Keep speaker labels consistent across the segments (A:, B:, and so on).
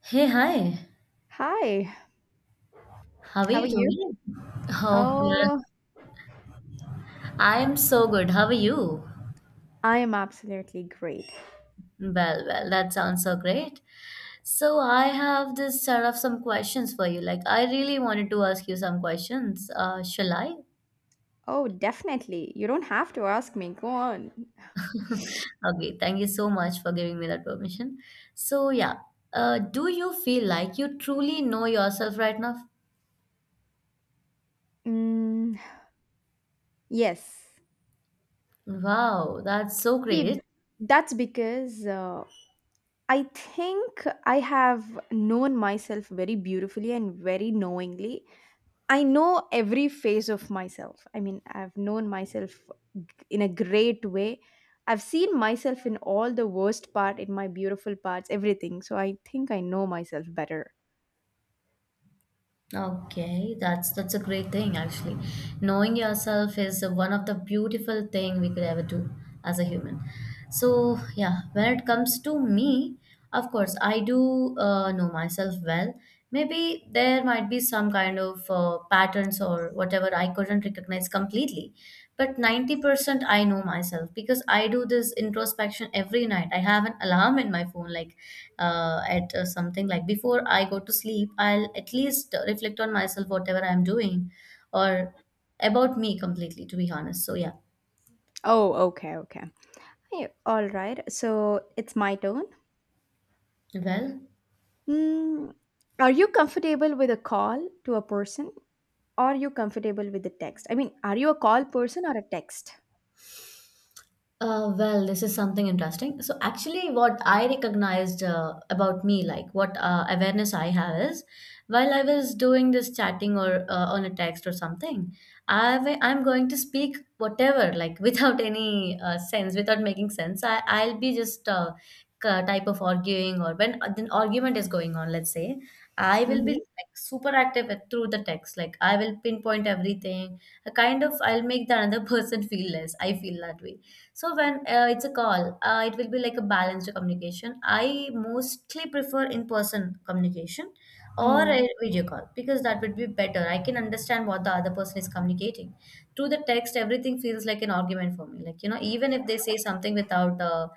A: Hey, hi.
B: Hi,
A: How are
B: how are
A: you
B: you?
A: doing? Oh, yeah.
B: Oh,
A: I am so good. How are you?
B: I am absolutely great.
A: Well, that sounds so great. So, I have this sort of some questions for you. Like, I really wanted to ask you some questions. Shall I?
B: Oh, definitely. You don't have to ask me. Go on.
A: Okay, thank you so much for giving me that permission. So, yeah, do you feel like you truly know yourself right now?
B: Mm, yes.
A: Wow, that's so
B: See,
A: great.
B: that's because I think I have known myself very beautifully and very knowingly. I know every phase of myself. I mean, I've known myself in a great way. I've seen myself in all the worst part, in my beautiful parts, everything. So I think I know myself better.
A: Okay, that's a great thing actually. Knowing yourself is one of the beautiful thing we could ever do as a human. So yeah, when it comes to me, of course I do know myself well. Maybe there might be some kind of patterns or whatever I couldn't recognize completely, but 90% I know myself, because I do this introspection every night. I have an alarm in my phone, like at something like before I go to sleep, I'll at least reflect on myself, whatever I'm doing or about me completely, to be honest. So yeah,
B: Oh, okay, okay. Yeah, all right. So it's my turn.
A: well.
B: Mm, are you comfortable with a call to a person? Are you comfortable with the text? I mean, are you a call person or a text?
A: Well, this is something interesting. So, actually, what I recognized about me, like what awareness I have is, while I was doing this chatting or on a text or something, I'm going to speak whatever, like without any sense, without making sense. I'll be just type of arguing, or when an argument is going on, let's say, I will be
B: Mm-hmm.
A: like super active through the text. Like, I will pinpoint everything. A kind of I'll make the another person feel less. I feel that way. So when it's a call, it will be like a balanced communication. I mostly prefer in-person communication or
B: Mm.
A: a video call, because that would be better. I can understand what the other person is communicating. Through the text, everything feels like an argument for me. Like, you know, even if they say something without the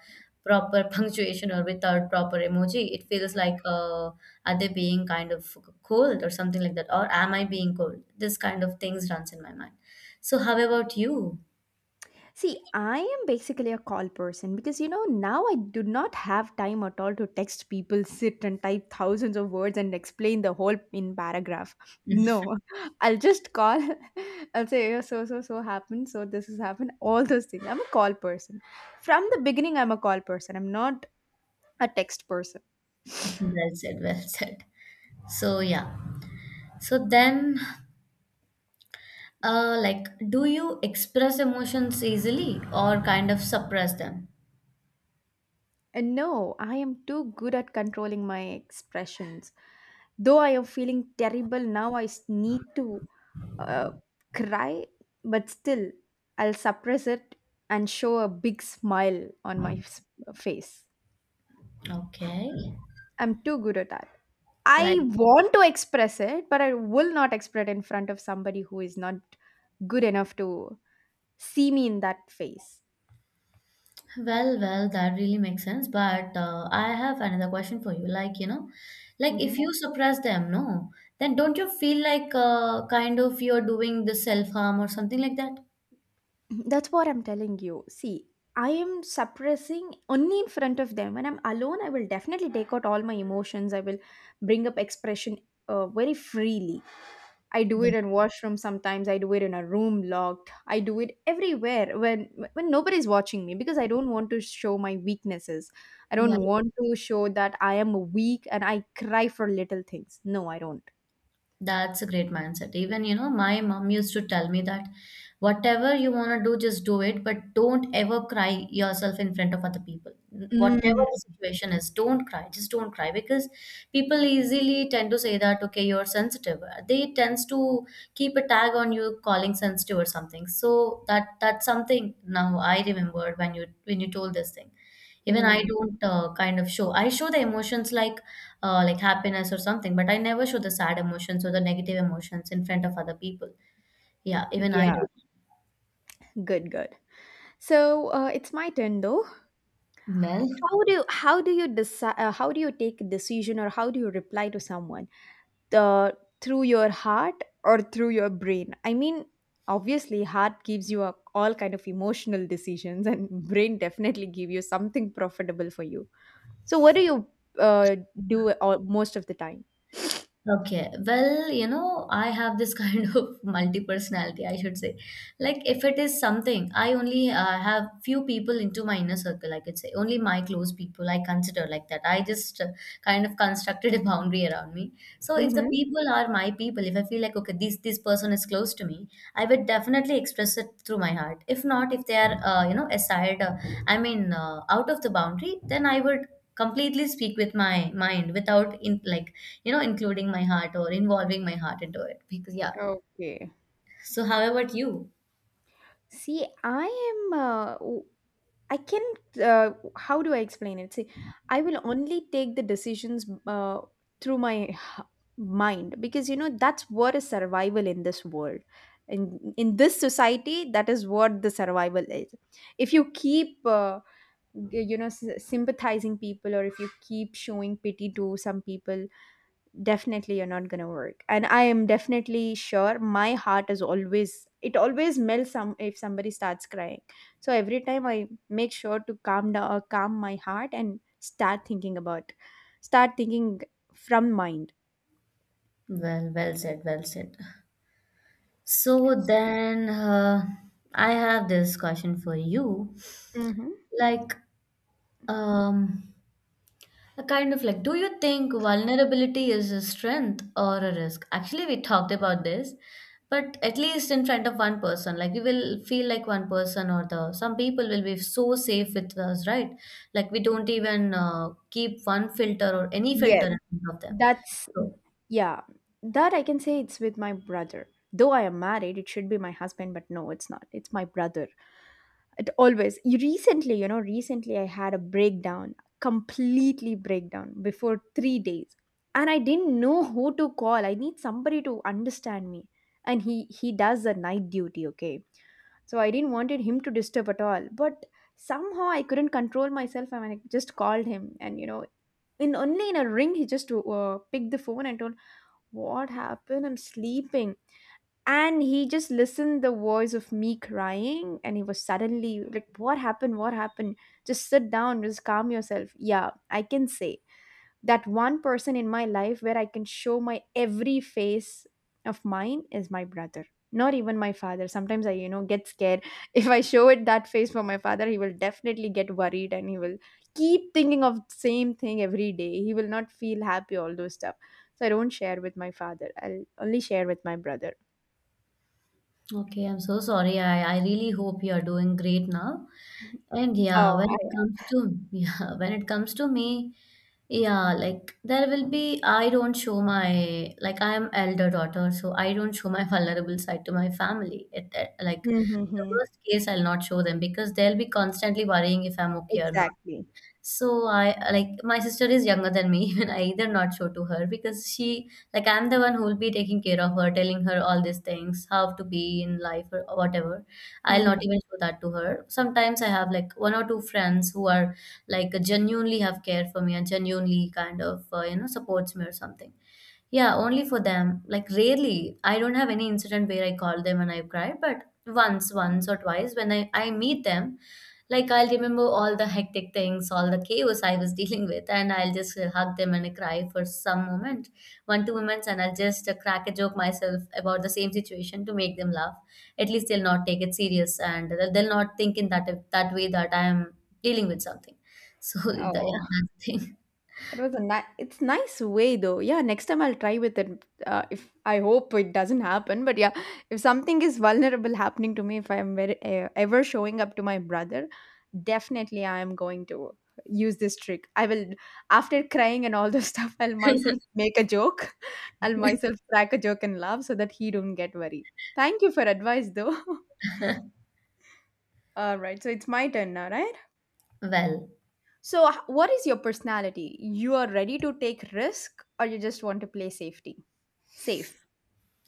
A: proper punctuation or without proper emoji, it feels like are they being kind of cold or something like that, or am I being cold? This kind of things runs in my mind. So how about you?
B: See, I am basically a call person because you know now I do not have time at all to text people, sit and type thousands of words and explain the whole in paragraph. No, I'll just call. I'll say, "Yeah, so happened, so this has happened, all those things." I'm a call person from the beginning. I'm a call person. I'm not a text person.
A: Well said, well said. So, yeah. So then, like, do you express emotions easily or kind of suppress them?
B: And no, I am too good at controlling my expressions, though I am feeling terrible now, I need to uh, cry, but still, I'll suppress it and show a big smile on my face.
A: Okay.
B: I'm too good at that.
A: Like,
B: I want to express it, but I will not express it in front of somebody who is not good enough to see me in that face.
A: well, well, that really makes sense. But I have another question for you. Like, you know, like if
B: Mhm.
A: you suppress them, no, then don't you feel like kind of you're doing the self harm or something like that?
B: That's what I'm telling you. See, I am suppressing only in front of them. When I'm alone, I will definitely take out all my emotions. I will bring up expression very freely. I do it in washroom sometimes. I do it in a room locked. I do it everywhere when nobody's watching me, because I don't want to show my weaknesses. I
A: Yeah.
B: don't want to show that I am weak and I cry for little things. No, I don't.
A: That's a great mindset. Even, you know, my mom used to tell me that whatever you want to do, just do it, but don't ever cry yourself in front of other people. Whatever the
B: Mm.
A: situation is, don't cry. Just don't cry, because people easily tend to say that, okay, you're sensitive. They tends to keep a tag on you calling sensitive or something. So that that's something now I remembered when you told this thing. Even I
B: Mm.
A: don't kind of show. I show the emotions like happiness or something, but I never show the sad emotions or the negative emotions in front of other people. Yeah, even I
B: Yeah,
A: do.
B: good, good. So it's my turn though.
A: Well,
B: How do you decide? How do you take a decision, or how do you reply to someone, the through your heart or through your brain? I mean, obviously heart gives you all kind of emotional decisions, and brain definitely give you something profitable for you. So what do you uh, do most of the time?
A: Okay, well, you know, I have this kind of multi-personality, I should say. Like, if it is something, I only have few people into my inner circle, I could say. Only my close people I consider like that. I just kind of constructed a boundary around me. So if the
B: Mm-hmm.
A: people are my people, if I feel like, okay, this person is close to me, I would definitely express it through my heart. If not, if they are, you know, aside, out of the boundary, then I would completely speak with my mind without, in like, you know, including my heart or involving my heart into it. Because yeah.
B: Okay.
A: So, how about you?
B: See, I am. I can. Uh, how do I explain it? See, I will only take the decisions through my mind, because you know that's what is survival in this world. In this society, that is what the survival is. If you keep, sympathizing people, or if you keep showing pity to some people, definitely you're not gonna work. And I am definitely sure my heart is always, it always melts some if somebody starts crying. So every time I make sure to calm down or calm my heart and start thinking from mind.
A: Well, well said, well said. So then, I have this question for you.
B: Hmm,
A: Like, um, a kind of like, do you think vulnerability is a strength or a risk? Actually, we talked about this, but at least in front of one person, like we will feel like one person or the some people will be so safe with us, right? Like we don't even keep one filter or any filter
B: yes,
A: in front of them.
B: that's
A: So,
B: yeah, that I can say, it's with my brother. Though I am married, it should be my husband, but no, it's not, it's my brother. It always, you recently, you know, recently I had a breakdown, completely breakdown before 3 days, and I didn't know who to call. I need somebody to understand me, and he does a night duty, okay. So I didn't wanted him to disturb at all, but somehow I couldn't control myself and I just called him. And you know, in only in a ring, he just picked the phone and told, "What happened? I'm sleeping." And he just listened the voice of me crying, and he was suddenly like, "What happened? What happened? Just sit down, just calm yourself." Yeah, I can say that one person in my life where I can show my every face of mine is my brother. Not even my father. Sometimes I, you know, get scared. If I show it that face for my father, he will definitely get worried and he will keep thinking of same thing every day. He will not feel happy, all those stuff. So I don't share with my father, I'll only share with my brother.
A: Okay, I'm so sorry. I really hope you are doing great now. And yeah,
B: Oh.
A: when it comes to yeah, when it comes to me, yeah, like there will be I don't show my like I am elder daughter, so I don't show my vulnerable side to my family. Like
B: Hmm, hmm,
A: the
B: hmm.
A: worst case, I'll not show them because they'll be constantly worrying if I'm okay or not.
B: Exactly.
A: So I like my sister is younger than me, even I either not show to her, because she like I'm the one who will be taking care of her, telling her all these things, how to be in life or whatever. I'll not
B: Mhm.
A: even show that to her. Sometimes I have like one or two friends who are like genuinely have care for me and genuinely kind of you know supports me or something. Yeah, only for them. Like rarely, I don't have any incident where I call them and I cry, but once, once or twice when I meet them, like I'll remember all the hectic things, all the chaos I was dealing with, and I'll just hug them and I cry for some moment, one, two moments, and I'll just crack a joke myself about the same situation to make them laugh. At least they'll not take it serious and they'll not think in that way that I am dealing with something. So,
B: Oh,
A: yeah, that's the
B: it was a nice. It's nice way though. Yeah, next time I'll try with it. If I hope it doesn't happen, but yeah, if something is vulnerable happening to me, if I am very, ever showing up to my brother, definitely I am going to use this trick. I will, after crying and all the stuff, I'll myself make a joke. I'll myself crack a joke and laugh so that he don't get worried. Thank you for advice though.
A: thing.
B: All right, so it's my turn now, right?
A: Well,
B: So, what is your personality? You are ready to take risk, or you just want to play safety? Safe.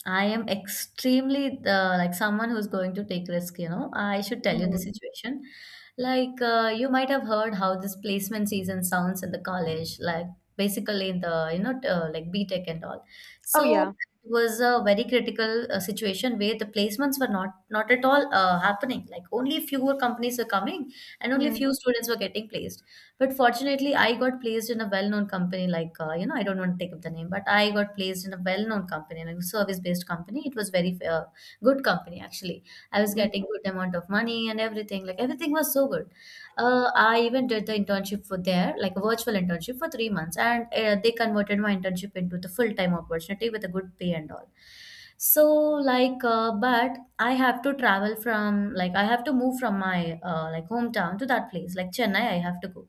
A: I am extremely like someone who's going to take risk, you know. I should tell you the
B: Mm.
A: situation. Like you might have heard how this placement season sounds in the college, like basically in the you know like BTech and all.
B: Oh
A: So
B: yeah.
A: it was a very critical situation where the placements were not at all happening. Like only fewer companies were coming, and only
B: Mm.
A: few students were getting placed. But fortunately, I got placed in a well-known company, like you know, I don't want to take up the name, but I got placed in a well-known company, like a service-based company. It was very good company actually. I was
B: Mm.
A: getting good amount of money and everything. Like everything was so good. I even did the internship for there, like a virtual internship for 3 months, and they converted my internship into the full-time opportunity with a good pay and all. So like, but I have to travel from like I have to move from my like hometown to that place, like Chennai. I have to go,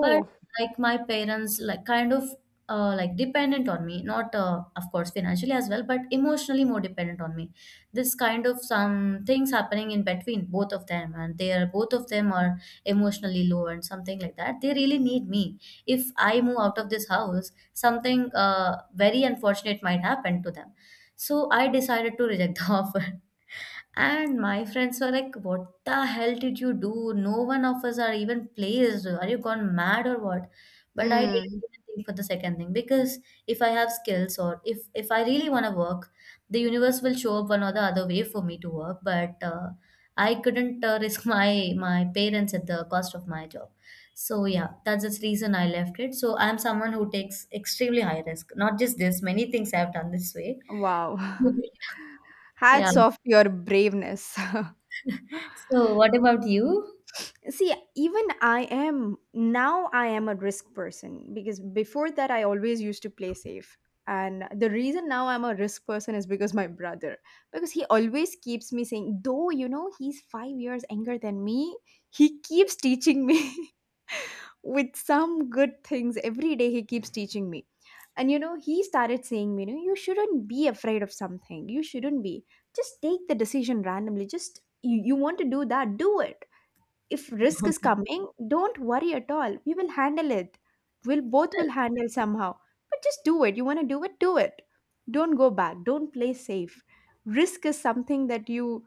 A: but like my parents like kind of like dependent on me, not of course financially as well but emotionally more dependent on me. This kind of some things happening in between both of them, and they are both of them are emotionally low and something like that. They really need me. If I move out of this house, something very unfortunate might happen to them. So I decided to reject the offer, and my friends were like, "What the hell did you do? No one of us are even placed. Are you gone mad or what?" But I didn't
B: Mm.
A: even think for the second thing, because if I have skills or if I really want to work, the universe will show up one or the other way for me to work. But I couldn't risk my parents at the cost of my job. So, yeah, that's the reason I left it. So, I'm someone who takes extremely high risk. Not just this, many things I've done this way.
B: Wow.
A: yeah.
B: Hats off to your braveness.
A: So, what about you?
B: See, even I am now I am a risk person, because before that I always used to play safe. And the reason now I'm a risk person is because my brother, because he always keeps me saying, though you know he's 5 years younger than me, he keeps teaching me. With some good things every day he keeps teaching me. And you know, he started saying me, you know, you shouldn't be afraid of something. You shouldn't be, just take the decision randomly. Just you want to do that, do it. If risk is coming, don't worry at all, we will handle it. We'll both will handle somehow. But just do it. You want to do it, do it. Don't go back, don't play safe. Risk is something that you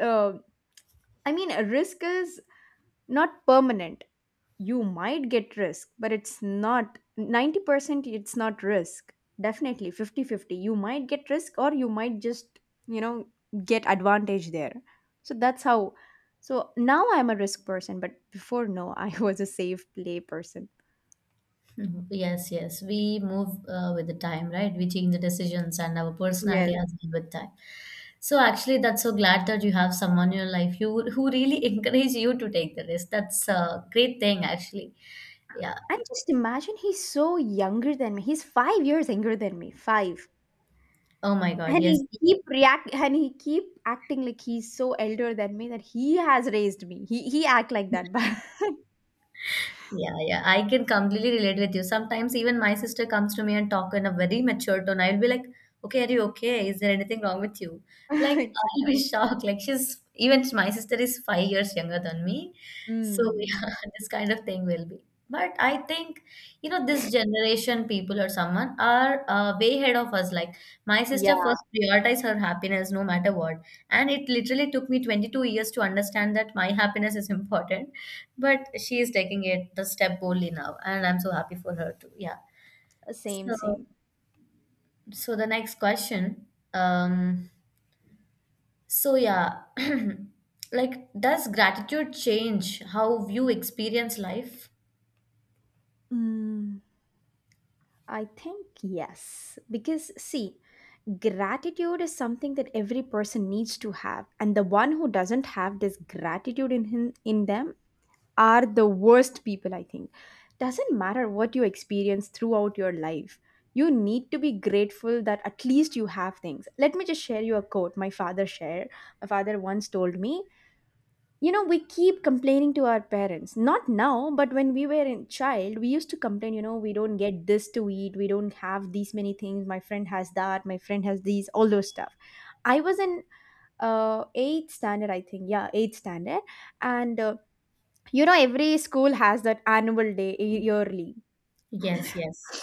B: uh, I mean, a risk is not permanent. You might get risk, but it's not 90%, it's not risk. Definitely 50-50. You might get risk, or you might just, you know, get advantage there. So that's how. So now I'm a risk person, but before, no, I was a safe play person.
A: Mhm. Yes, yes. We move with the time, right? We change the decisions and our
B: Yes.
A: personality as well with time. So actually, that's so glad that you have someone in your life you who really encourage you to take the risk. That's a great thing, actually. Yeah.
B: And just imagine, he's so younger than me, he's 5 years younger than me, 5.
A: Oh my God.
B: And
A: Yes.
B: he keep react and he keep acting like he's so elder than me, that he has raised me, he act like that, but
A: Yeah, yeah, I can completely relate with you. Sometimes even my sister comes to me and talk in a very mature tone. I'll be like, "Okay, are you okay? Is there anything wrong with you?" Like I'll be
B: exactly.
A: shocked. Like she's even my sister is 5 years younger than me, so
B: Mm,
A: yeah, this kind of thing will be. But I think you know this generation people or someone are way ahead of us. Like my sister
B: yeah,
A: first prioritized her happiness no matter what, and it literally took me 22 years to understand that my happiness is important, but she is taking it the step boldly now and I'm so happy for her too, yeah.
B: same,
A: so
B: same.
A: so the next question, um yeah. Like, does gratitude change how you experience life?
B: Mm, I think yes. Because, see, gratitude is something that every person needs to have. And the one who doesn't have this gratitude in him, in them, are the worst people, I think. Doesn't matter what you experience throughout your life. You need to be grateful that at least you have things. Let me just share you a quote my father shared. My father once told me, you know, we keep complaining to our parents, not now, but when we were in child we used to complain, you know, we don't get this to eat, we don't have these many things, my friend has that, my friend has these, all those stuff. I was in eighth standard I think. Yeah, eighth standard. And you know, every school has that annual day, y- yearly.
A: Yes, yes.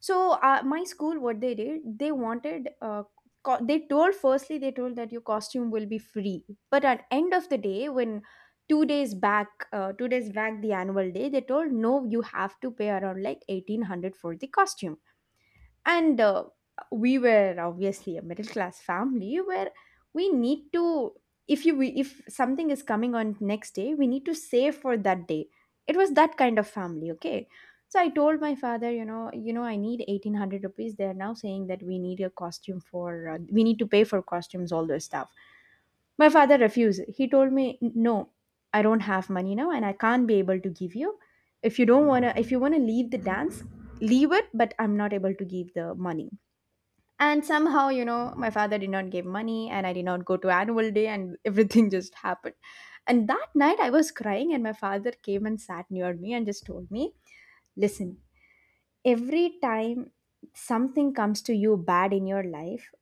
B: So my school, what they did, they wanted, they told firstly, they told that your costume will be free. But at end of the day, when 2 days back, 2 days back the annual day, they told no, you have to pay around like 1800 for the costume. And we were obviously a middle class family, where we need to, if you we, if something is coming on next day we need to save for that day. It was that kind of family, okay. So I told my father, you know, you know, I need 1800 rupees, they're now saying that we need a costume for, we need to pay for costumes, all those stuff. My father refused. He told me, "No, I don't have money now and I can't be able to give you. If you don't want to, if you want to leave the dance, leave it, but I'm not able to give the money." And somehow, you know, my father did not give money and I did not go to annual day and everything just happened. And that night I was crying and my father came and sat near me and just told me, "Listen, every time something comes to you bad in your life,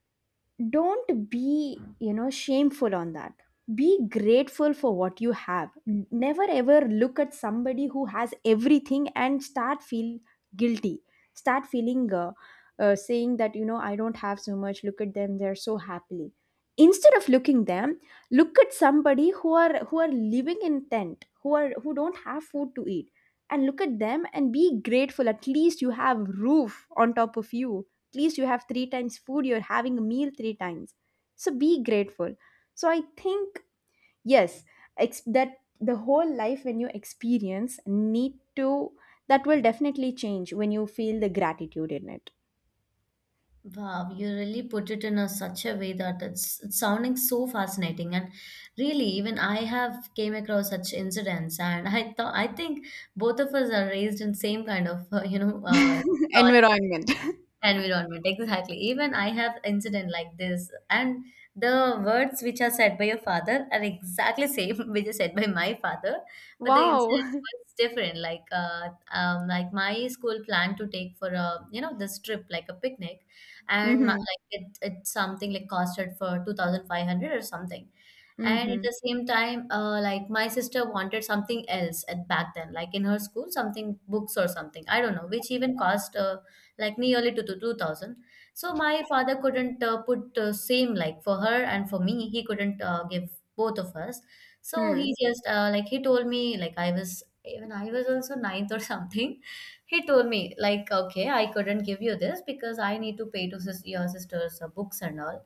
B: don't be shameful on that. Be grateful for what you have. Never ever look at somebody who has everything and start feel guilty, start feeling saying that, you know, I don't have so much, look at them, they're so happily. Instead of looking them, look at somebody who are living in tent, who are who don't have food to eat. And look at them and be grateful. At least you have roof on top of you, at least you have three times food, you're having a meal three times. So be grateful. So I think, yes, that the whole life when you experience need to, that will definitely change when you feel the gratitude in it.
A: Wow, you really put it in a such a way that it's sounding so fascinating. And really, even I have came across such incidents, and I think both of us are raised in same kind of you know
B: Environment.
A: environment, exactly. Even I have incident like this, and the words which are said by your father are exactly same which is said by my father, but the
B: Wow.
A: incident was different. Like my school planned to take for a, you know, this trip like a picnic, and my,
B: Mm-hmm.
A: it something like costed for two thousand five hundred or something. And at
B: Mm-hmm.
A: the same time, like my sister wanted something else at back then, like in her school, something books or something. I don't know, which even cost like nearly to 2000. So my father couldn't put same like for her, and for me he couldn't give both of us. So he
B: Hmm.
A: just like he told me, like I was also ninth or something. He told me like, okay, I couldn't give you this because I need to pay to your sister's books and all.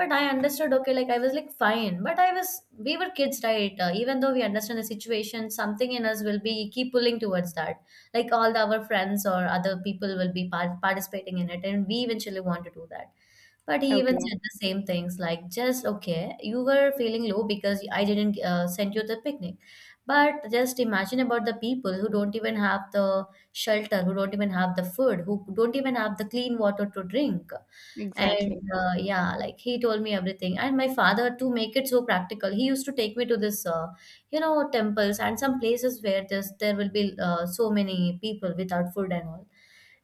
A: But I understood, okay, like I was like fine, but I was we were kids, right? Even though we understand the situation, something in us will be keep pulling towards that, like our friends or other people will be participating in it and we eventually want to do that. But he even
B: Okay.
A: said the same things like, just, okay, you were feeling low because I didn't send you the picnic, but just imagine about the people who don't even have the shelter, who don't even have the food, who don't even have the clean water to drink. And
B: Exactly.
A: yeah, like he told me everything. And my father, to make it so practical, he used to take me to this, you know, temples and some places where there will be so many people without food and all.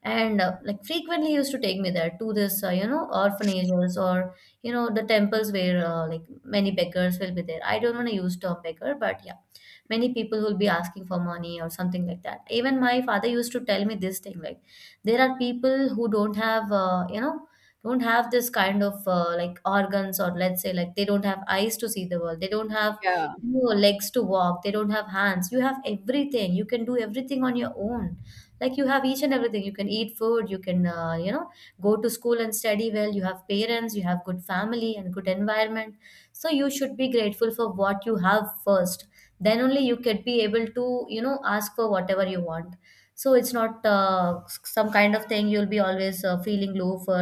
A: And like frequently, he used to take me there to this, you know, orphanages or, you know, the temples where like many beggars will be there. I don't want to use term beggar, but yeah, many people will be asking for money or something like that. Even my father used to tell me this thing like, there are people who don't have, don't have this kind of like organs, or let's say like they don't have eyes to see the world, they don't have,
B: Yeah.
A: you know, legs to walk, they don't have hands. You have everything, you can do everything on your own. Like you have each and everything, you can eat food, you can you know, go to school and study well, you have parents, you have good family and good environment, so you should be grateful for what you have first. Then only you could be able to, you know, ask for whatever you want. So it's not some kind of thing you'll be always feeling low for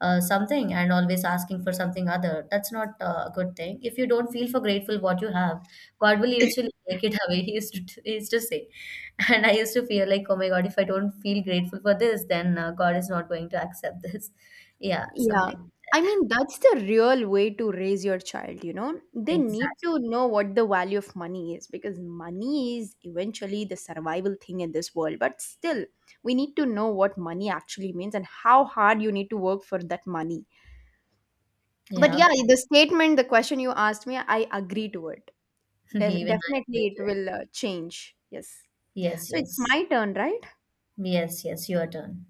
A: something and always asking for something other. That's not a good thing. If you don't feel for grateful what you have, god will eventually take it away. He used to say, and I used to feel like, oh my god, if I don't feel grateful for this, then god is not going to accept this. Yeah,
B: Yeah.
A: something like
B: I
A: that.
B: mean, that's the real way to raise your child, you know? They need
A: Exactly.
B: to know what the value of money is, because money is eventually the survival thing in this world. But still, we need to know what money actually means and how hard you need to work for that money. But
A: Yeah,
B: yeah,
A: but
B: the statement, the question you asked me, I agree to it.
A: even I agree
B: Definitely,
A: to
B: it
A: it.
B: will change. Yes.
A: Yes,
B: So it's
A: yes.
B: my turn, right?
A: Yes, yes, your turn.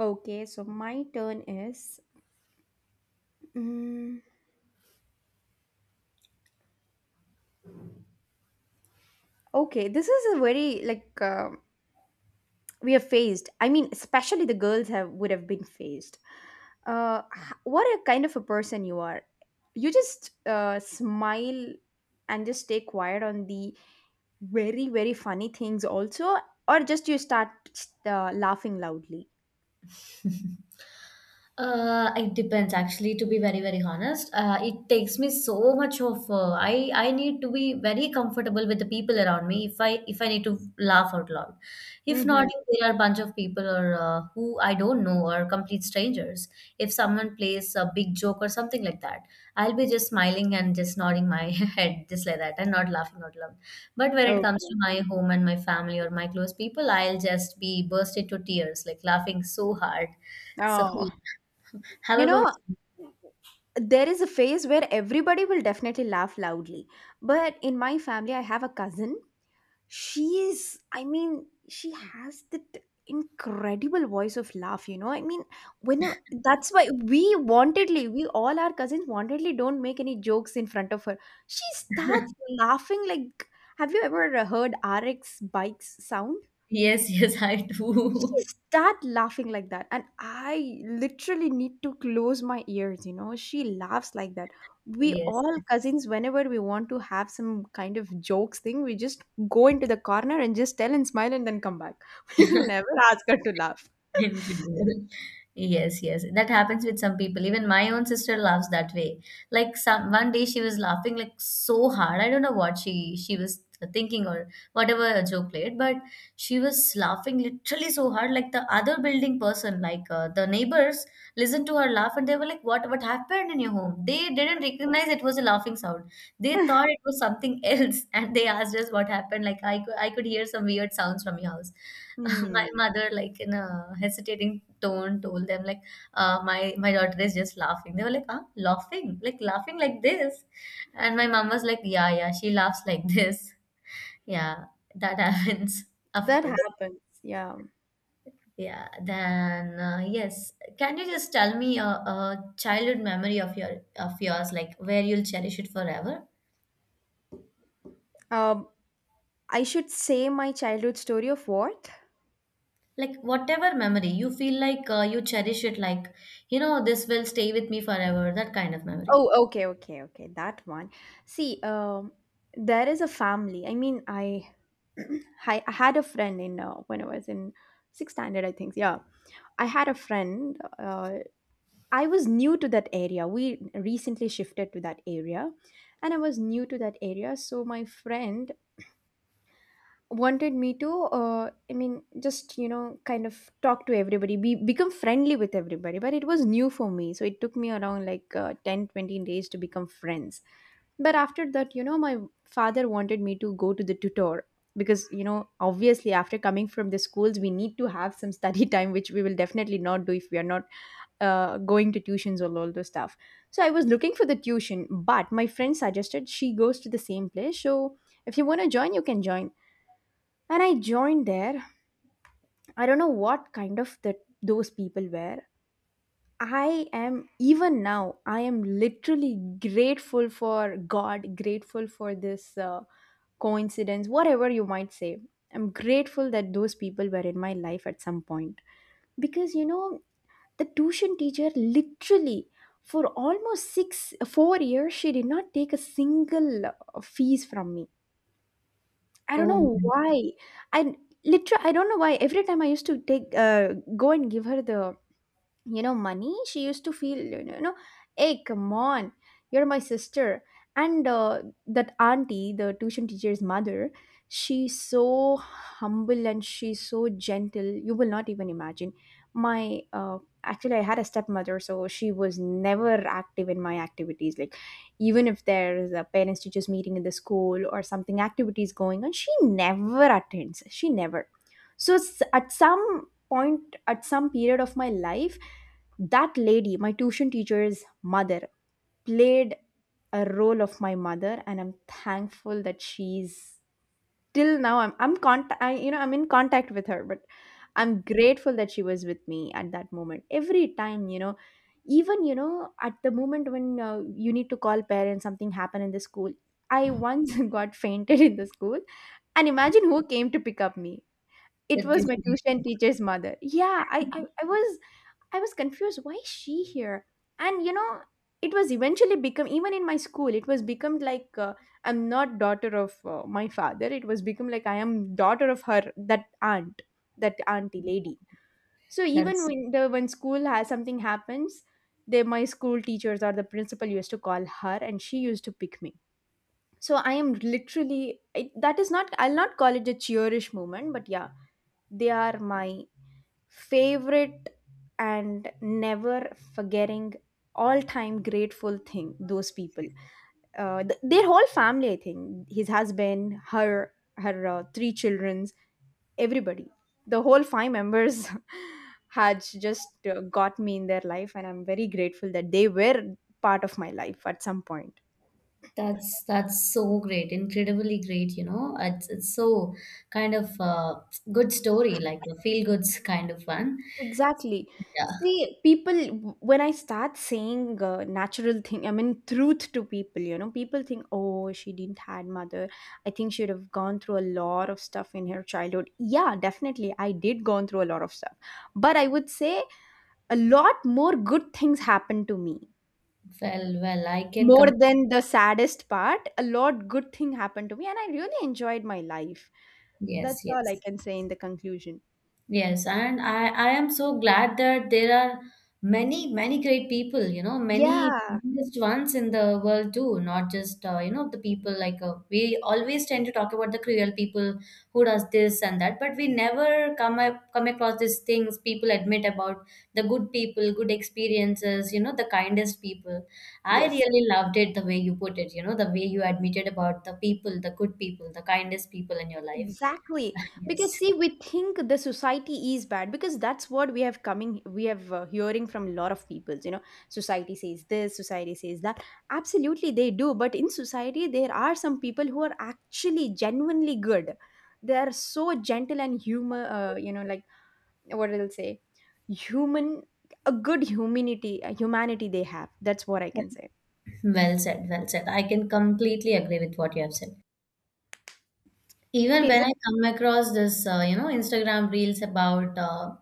B: Okay, so my turn is. Mm, okay, this is a very like. We are phased, I mean, especially the girls have would have been phased, what a kind of a person you are. You just smile and just stay quiet on the very, very funny things also, or just you start laughing loudly.
A: It depends actually, to be very, very honest. It takes me so much of I need to be very comfortable with the people around me if I need to laugh out loud. If not,
B: Mm-hmm.
A: if there are a bunch of people or who I don't know, or complete strangers, if someone plays a big joke or something like that, I'll be just smiling and just nodding my head just like that and not laughing out loud. But when it comes
B: Okay.
A: to my home and my family or my close people, I'll just be burst into tears, like laughing so hard. So,
B: Oh,
A: how
B: you
A: about
B: know,
A: you?
B: there is a phase where everybody will definitely laugh loudly, but in my family I have a cousin. She is, I mean, she has that incredible voice of laugh, you know, I mean, whenever, that's why we wantedly, we all our cousins wantedly don't make any jokes in front of her. She starts laughing like, have you ever heard RX bikes sound?
A: Yes, yes, I do.
B: She start laughing like that, and I literally need to close my ears, you know, she laughs like that. We
A: Yes.
B: all cousins, whenever we want to have some kind of jokes thing, we just go into the corner and just tell and smile and then come back. We will never ask her to laugh.
A: Indeed. Yes, yes. That happens with some people. Even my own sister laughs that way. Like, some one day she was laughing like so hard. I don't know what she was thinking or whatever joke played, but she was laughing literally so hard. Like, the other building person, like the neighbors, listened to her laugh and they were like, What happened in your home?" They didn't recognize it was a laughing sound. They thought it was something else, and they asked us what happened. Like, I could, I could hear some weird sounds from your house.
B: Hmm,
A: My mother, like in a hesitating tone, told them like, "My, my daughter is just laughing." They were like, "Huh? Laughing? Like laughing like this?" And my mom was like, "Yeah, yeah, she laughs like this." Yeah, that happens, of
B: that
A: course.
B: happens, yeah.
A: Yeah. Then yes, can you just tell me a childhood memory of your of yours, like where you'll cherish it forever?
B: Um, I should say my childhood story of what?
A: Like, whatever memory you feel like you cherish it, like, you know, this will stay with me forever. That kind of memory.
B: Oh, okay, okay, okay. That one. See, there is a family. I mean, I, I had a friend in when I was in sixth standard, I think. Yeah, I had a friend. I was new to that area. We recently shifted to that area, and I was new to that area. So my friend wanted me to, I mean, just you know, kind of talk to everybody, be become friendly with everybody. But it was new for me, so it took me around like 10, 20 days to become friends. But after that, you know, my father wanted me to go to the tutor, because, you know, obviously after coming from the schools, we need to have some study time, which we will definitely not do if we are not going to tuitions or all those stuff. So I was looking for the tuition, but my friend suggested she goes to the same place. So if you want to join, you can join. And I joined there. I don't know what kind of the, those people were. I am, even now I am literally grateful for God, grateful for this coincidence, whatever you might say. I'm grateful that those people were in my life at some point. Because, you know, the tuition teacher literally, for almost six, 4 years, she did not take a single fees from me. I don't
A: Oh.
B: know why. I literally, I don't know why. Every time I used to take, go and give her the, you know, money, she used to feel, you know, you know, hey come on, you're my sister. And that auntie, the tuition teacher's mother, she's so humble and she's so gentle, you will not even imagine. My actually, I had a stepmother, so she was never active in my activities, like even if there's a parents teachers meeting in the school or something activities going on, she never attends, she never. So at some point, at some period of my life, that lady, my tuition teacher's mother, played a role of my mother, and I'm thankful that she's, till now I'm, I, you know, I'm in contact with her. But I'm grateful that she was with me at that moment. Every time, you know, even, you know, at the moment when you need to call parents, something happened in the school, I once got fainted in the school, and imagine who came to pick up me. It
A: That
B: was my
A: usually
B: tuition
A: is-
B: teacher's mother. Yeah, I was, I was confused. Why is she here? And you know, it was eventually become even in my school. It was become like I'm not daughter of my father. It was become like I am daughter of her, that aunt, that auntie lady. So even
A: that's
B: when the, when school has something happens, they, my school teachers or the principal used to call her, and she used to pick me. So I am literally it, that is not, I'll not call it a cheerish moment, but yeah, they are my favorite and never forgetting, all time grateful thing those people. Their whole family, I think, his husband, her, her three childrens, everybody, the whole five members had just got me in their life, and I'm very grateful that they were part of my life at some point.
A: that's that's so great, incredibly great, you know. It's so kind of good story, like a feel goods kind of one.
B: Exactly.
A: Yeah.
B: See, people, when I start saying natural thing, I mean truth to people, you know, people think, oh, she didn't had mother. I think she'd have gone through a lot of stuff in her childhood. Yeah, definitely. I did gone through a lot of stuff. But I would say a lot more good things happened to me.
A: Well, well, I can
B: More
A: come.
B: than the saddest part, a lot good thing happened to me, and I really enjoyed my life.
A: Yes,
B: That's all I
A: yes.
B: can say in the conclusion.
A: Yes, and I am so glad that there are many, many great people, you know, many
B: Yeah.
A: greatest ones in the world too, not just, you know, the people like, we always tend to talk about the cruel people who does this and that, but we never come across these things people admit about the good people, good experiences, you know, the kindest people. I
B: Yes.
A: really loved it the way you put it, you know, the way you admitted about the people, the good people, the kindest people in your life.
B: Exactly. Because
A: Yes.
B: see, we think the society is bad, because that's what we have coming, we have hearing from a lot of people. You know, society says this, society says that. Absolutely, they do. But in society, there are some people who are actually genuinely good. They are so gentle and humor. You know, like what I'll say, human, a good humanity, humanity they have. That's what I can say.
A: Well said, well said. I can completely agree with what you have said. Even
B: Okay, is
A: when
B: it?
A: I come across this, you know, Instagram reels about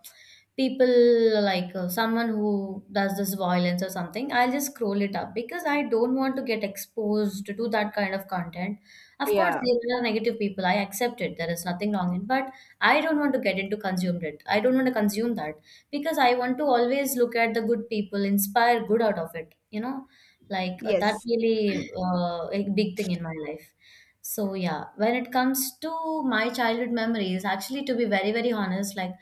A: people like, someone who does this violence or something, I'll just scroll it up because I don't want to get exposed to that kind of content. Of course,
B: Yeah.
A: there are negative people. I accept it. There is nothing wrong in, but I don't want to get into consumed it. I don't want to consume that, because I want to always look at the good people, inspire good out of it. You know, like, that
B: Yes.
A: really a big thing in my life. So yeah, when it comes to my childhood memories, actually, to be very, very honest, like,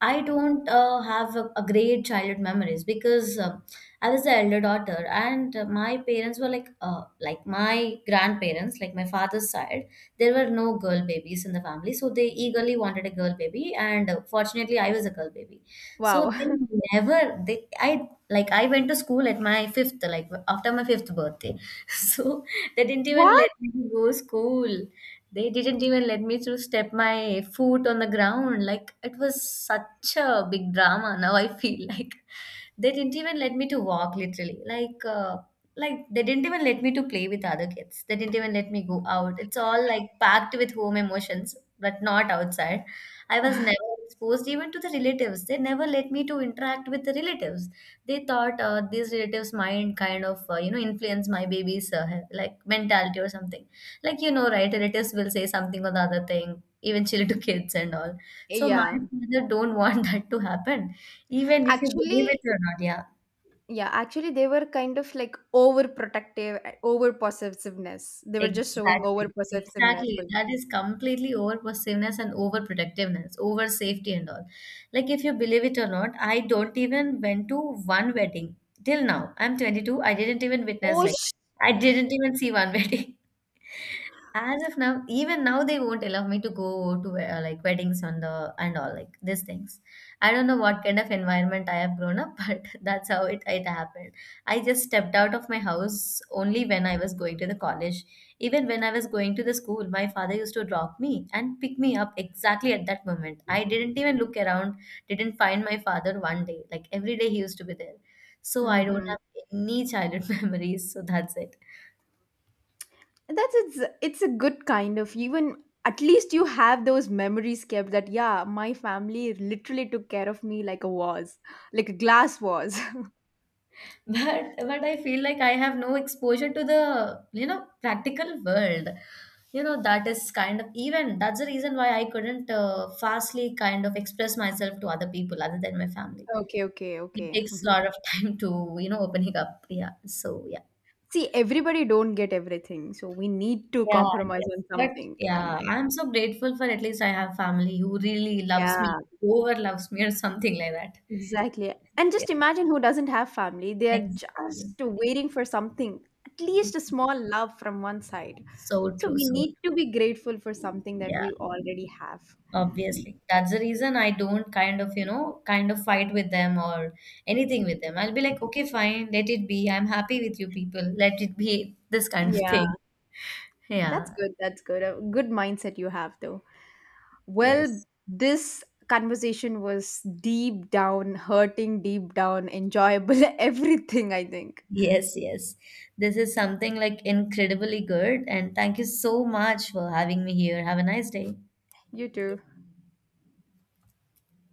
A: I don't have a great childhood memories because I was the elder daughter, and my parents were like my grandparents, like my father's side, there were no girl babies in the family, so they eagerly wanted a girl baby, and fortunately I was a girl baby, so
B: Wow.
A: they never they I, like, I went to school at my fifth, like after my fifth birthday, so. They didn't even
B: What?
A: let me to go school. They didn't even let me to step my foot on the ground. Like, it was such a big drama. Now I feel like, they didn't even let me to walk, literally. Like, like they didn't even let me to play with other kids. They didn't even let me go out. It's all like packed with home emotions, but not outside. I was never exposed even to the relatives. They never let me to interact with the relatives. They thought, these relatives might kind of you know, influence my baby's like mentality or something. Like, you know, right, relatives will say something or the other thing eventually to kids and all, so my
B: Yeah.
A: father don't want that to happen, even if you believe
B: Actually,
A: it or not, yeah.
B: yeah, actually, they were kind of like overprotective, and overpossessiveness. They were just showing
A: Exactly.
B: overpossessiveness.
A: Exactly.
B: But
A: That is completely over possessiveness and over protectiveness, over safety and all. Like, if you believe it or not, I don't even went to one wedding till now. I'm 22. I didn't even witness
B: oh,
A: like, I didn't even see one wedding. As of now, even now they won't allow me to go to like weddings on the and all, like, these things. I don't know what kind of environment I have grown up, but that's how it it happened. I just stepped out of my house only when I was going to the college. Even when I was going to the school, my father used to drop me and pick me up exactly at that moment. I didn't even look around, didn't find my father one day. Like, every day he used to be there. So I don't
B: hmm,
A: have any childhood memories. So that's it.
B: that's, it's a good kind of, even at least you have those memories kept that, yeah, my family literally took care of me like a vase, like a glass vase.
A: But I feel like I have no exposure to the, you know, practical world. You know, that is kind of even that's the reason why I couldn't fastly kind of express myself to other people other than my family.
B: Okay, okay,
A: It
B: okay.
A: takes a lot
B: Mhm.
A: of time to, you know, opening up, yeah, so yeah.
B: See, everybody don't get everything, so we need to
A: Yeah,
B: compromise
A: yes,
B: on
A: but
B: something.
A: yeah,
B: And
A: I'm so grateful for at least I have family who really loves me,
B: yeah,
A: over loves me or something like that.
B: exactly. And
A: Yes,
B: just imagine who doesn't have family. They are
A: exactly,
B: just
A: exactly.
B: waiting for something, at least a small love from one side.
A: So
B: So
A: true,
B: we
A: so
B: need
A: true.
B: to be grateful for something that
A: Yeah.
B: we already have.
A: Obviously. That's the reason I don't kind of, you know, kind of fight with them or anything with them. I'll be like, okay, fine, let it be. I'm happy with you people. Let it be, this kind of
B: Yeah,
A: thing. Yeah.
B: that's good. That's good. A good mindset you have, though. Well,
A: Yes.
B: this conversation was deep down hurting, deep down enjoyable, everything, I think.
A: Yes, yes. This is something like incredibly good. And thank you so much for having me here. Have a nice day.
B: You too.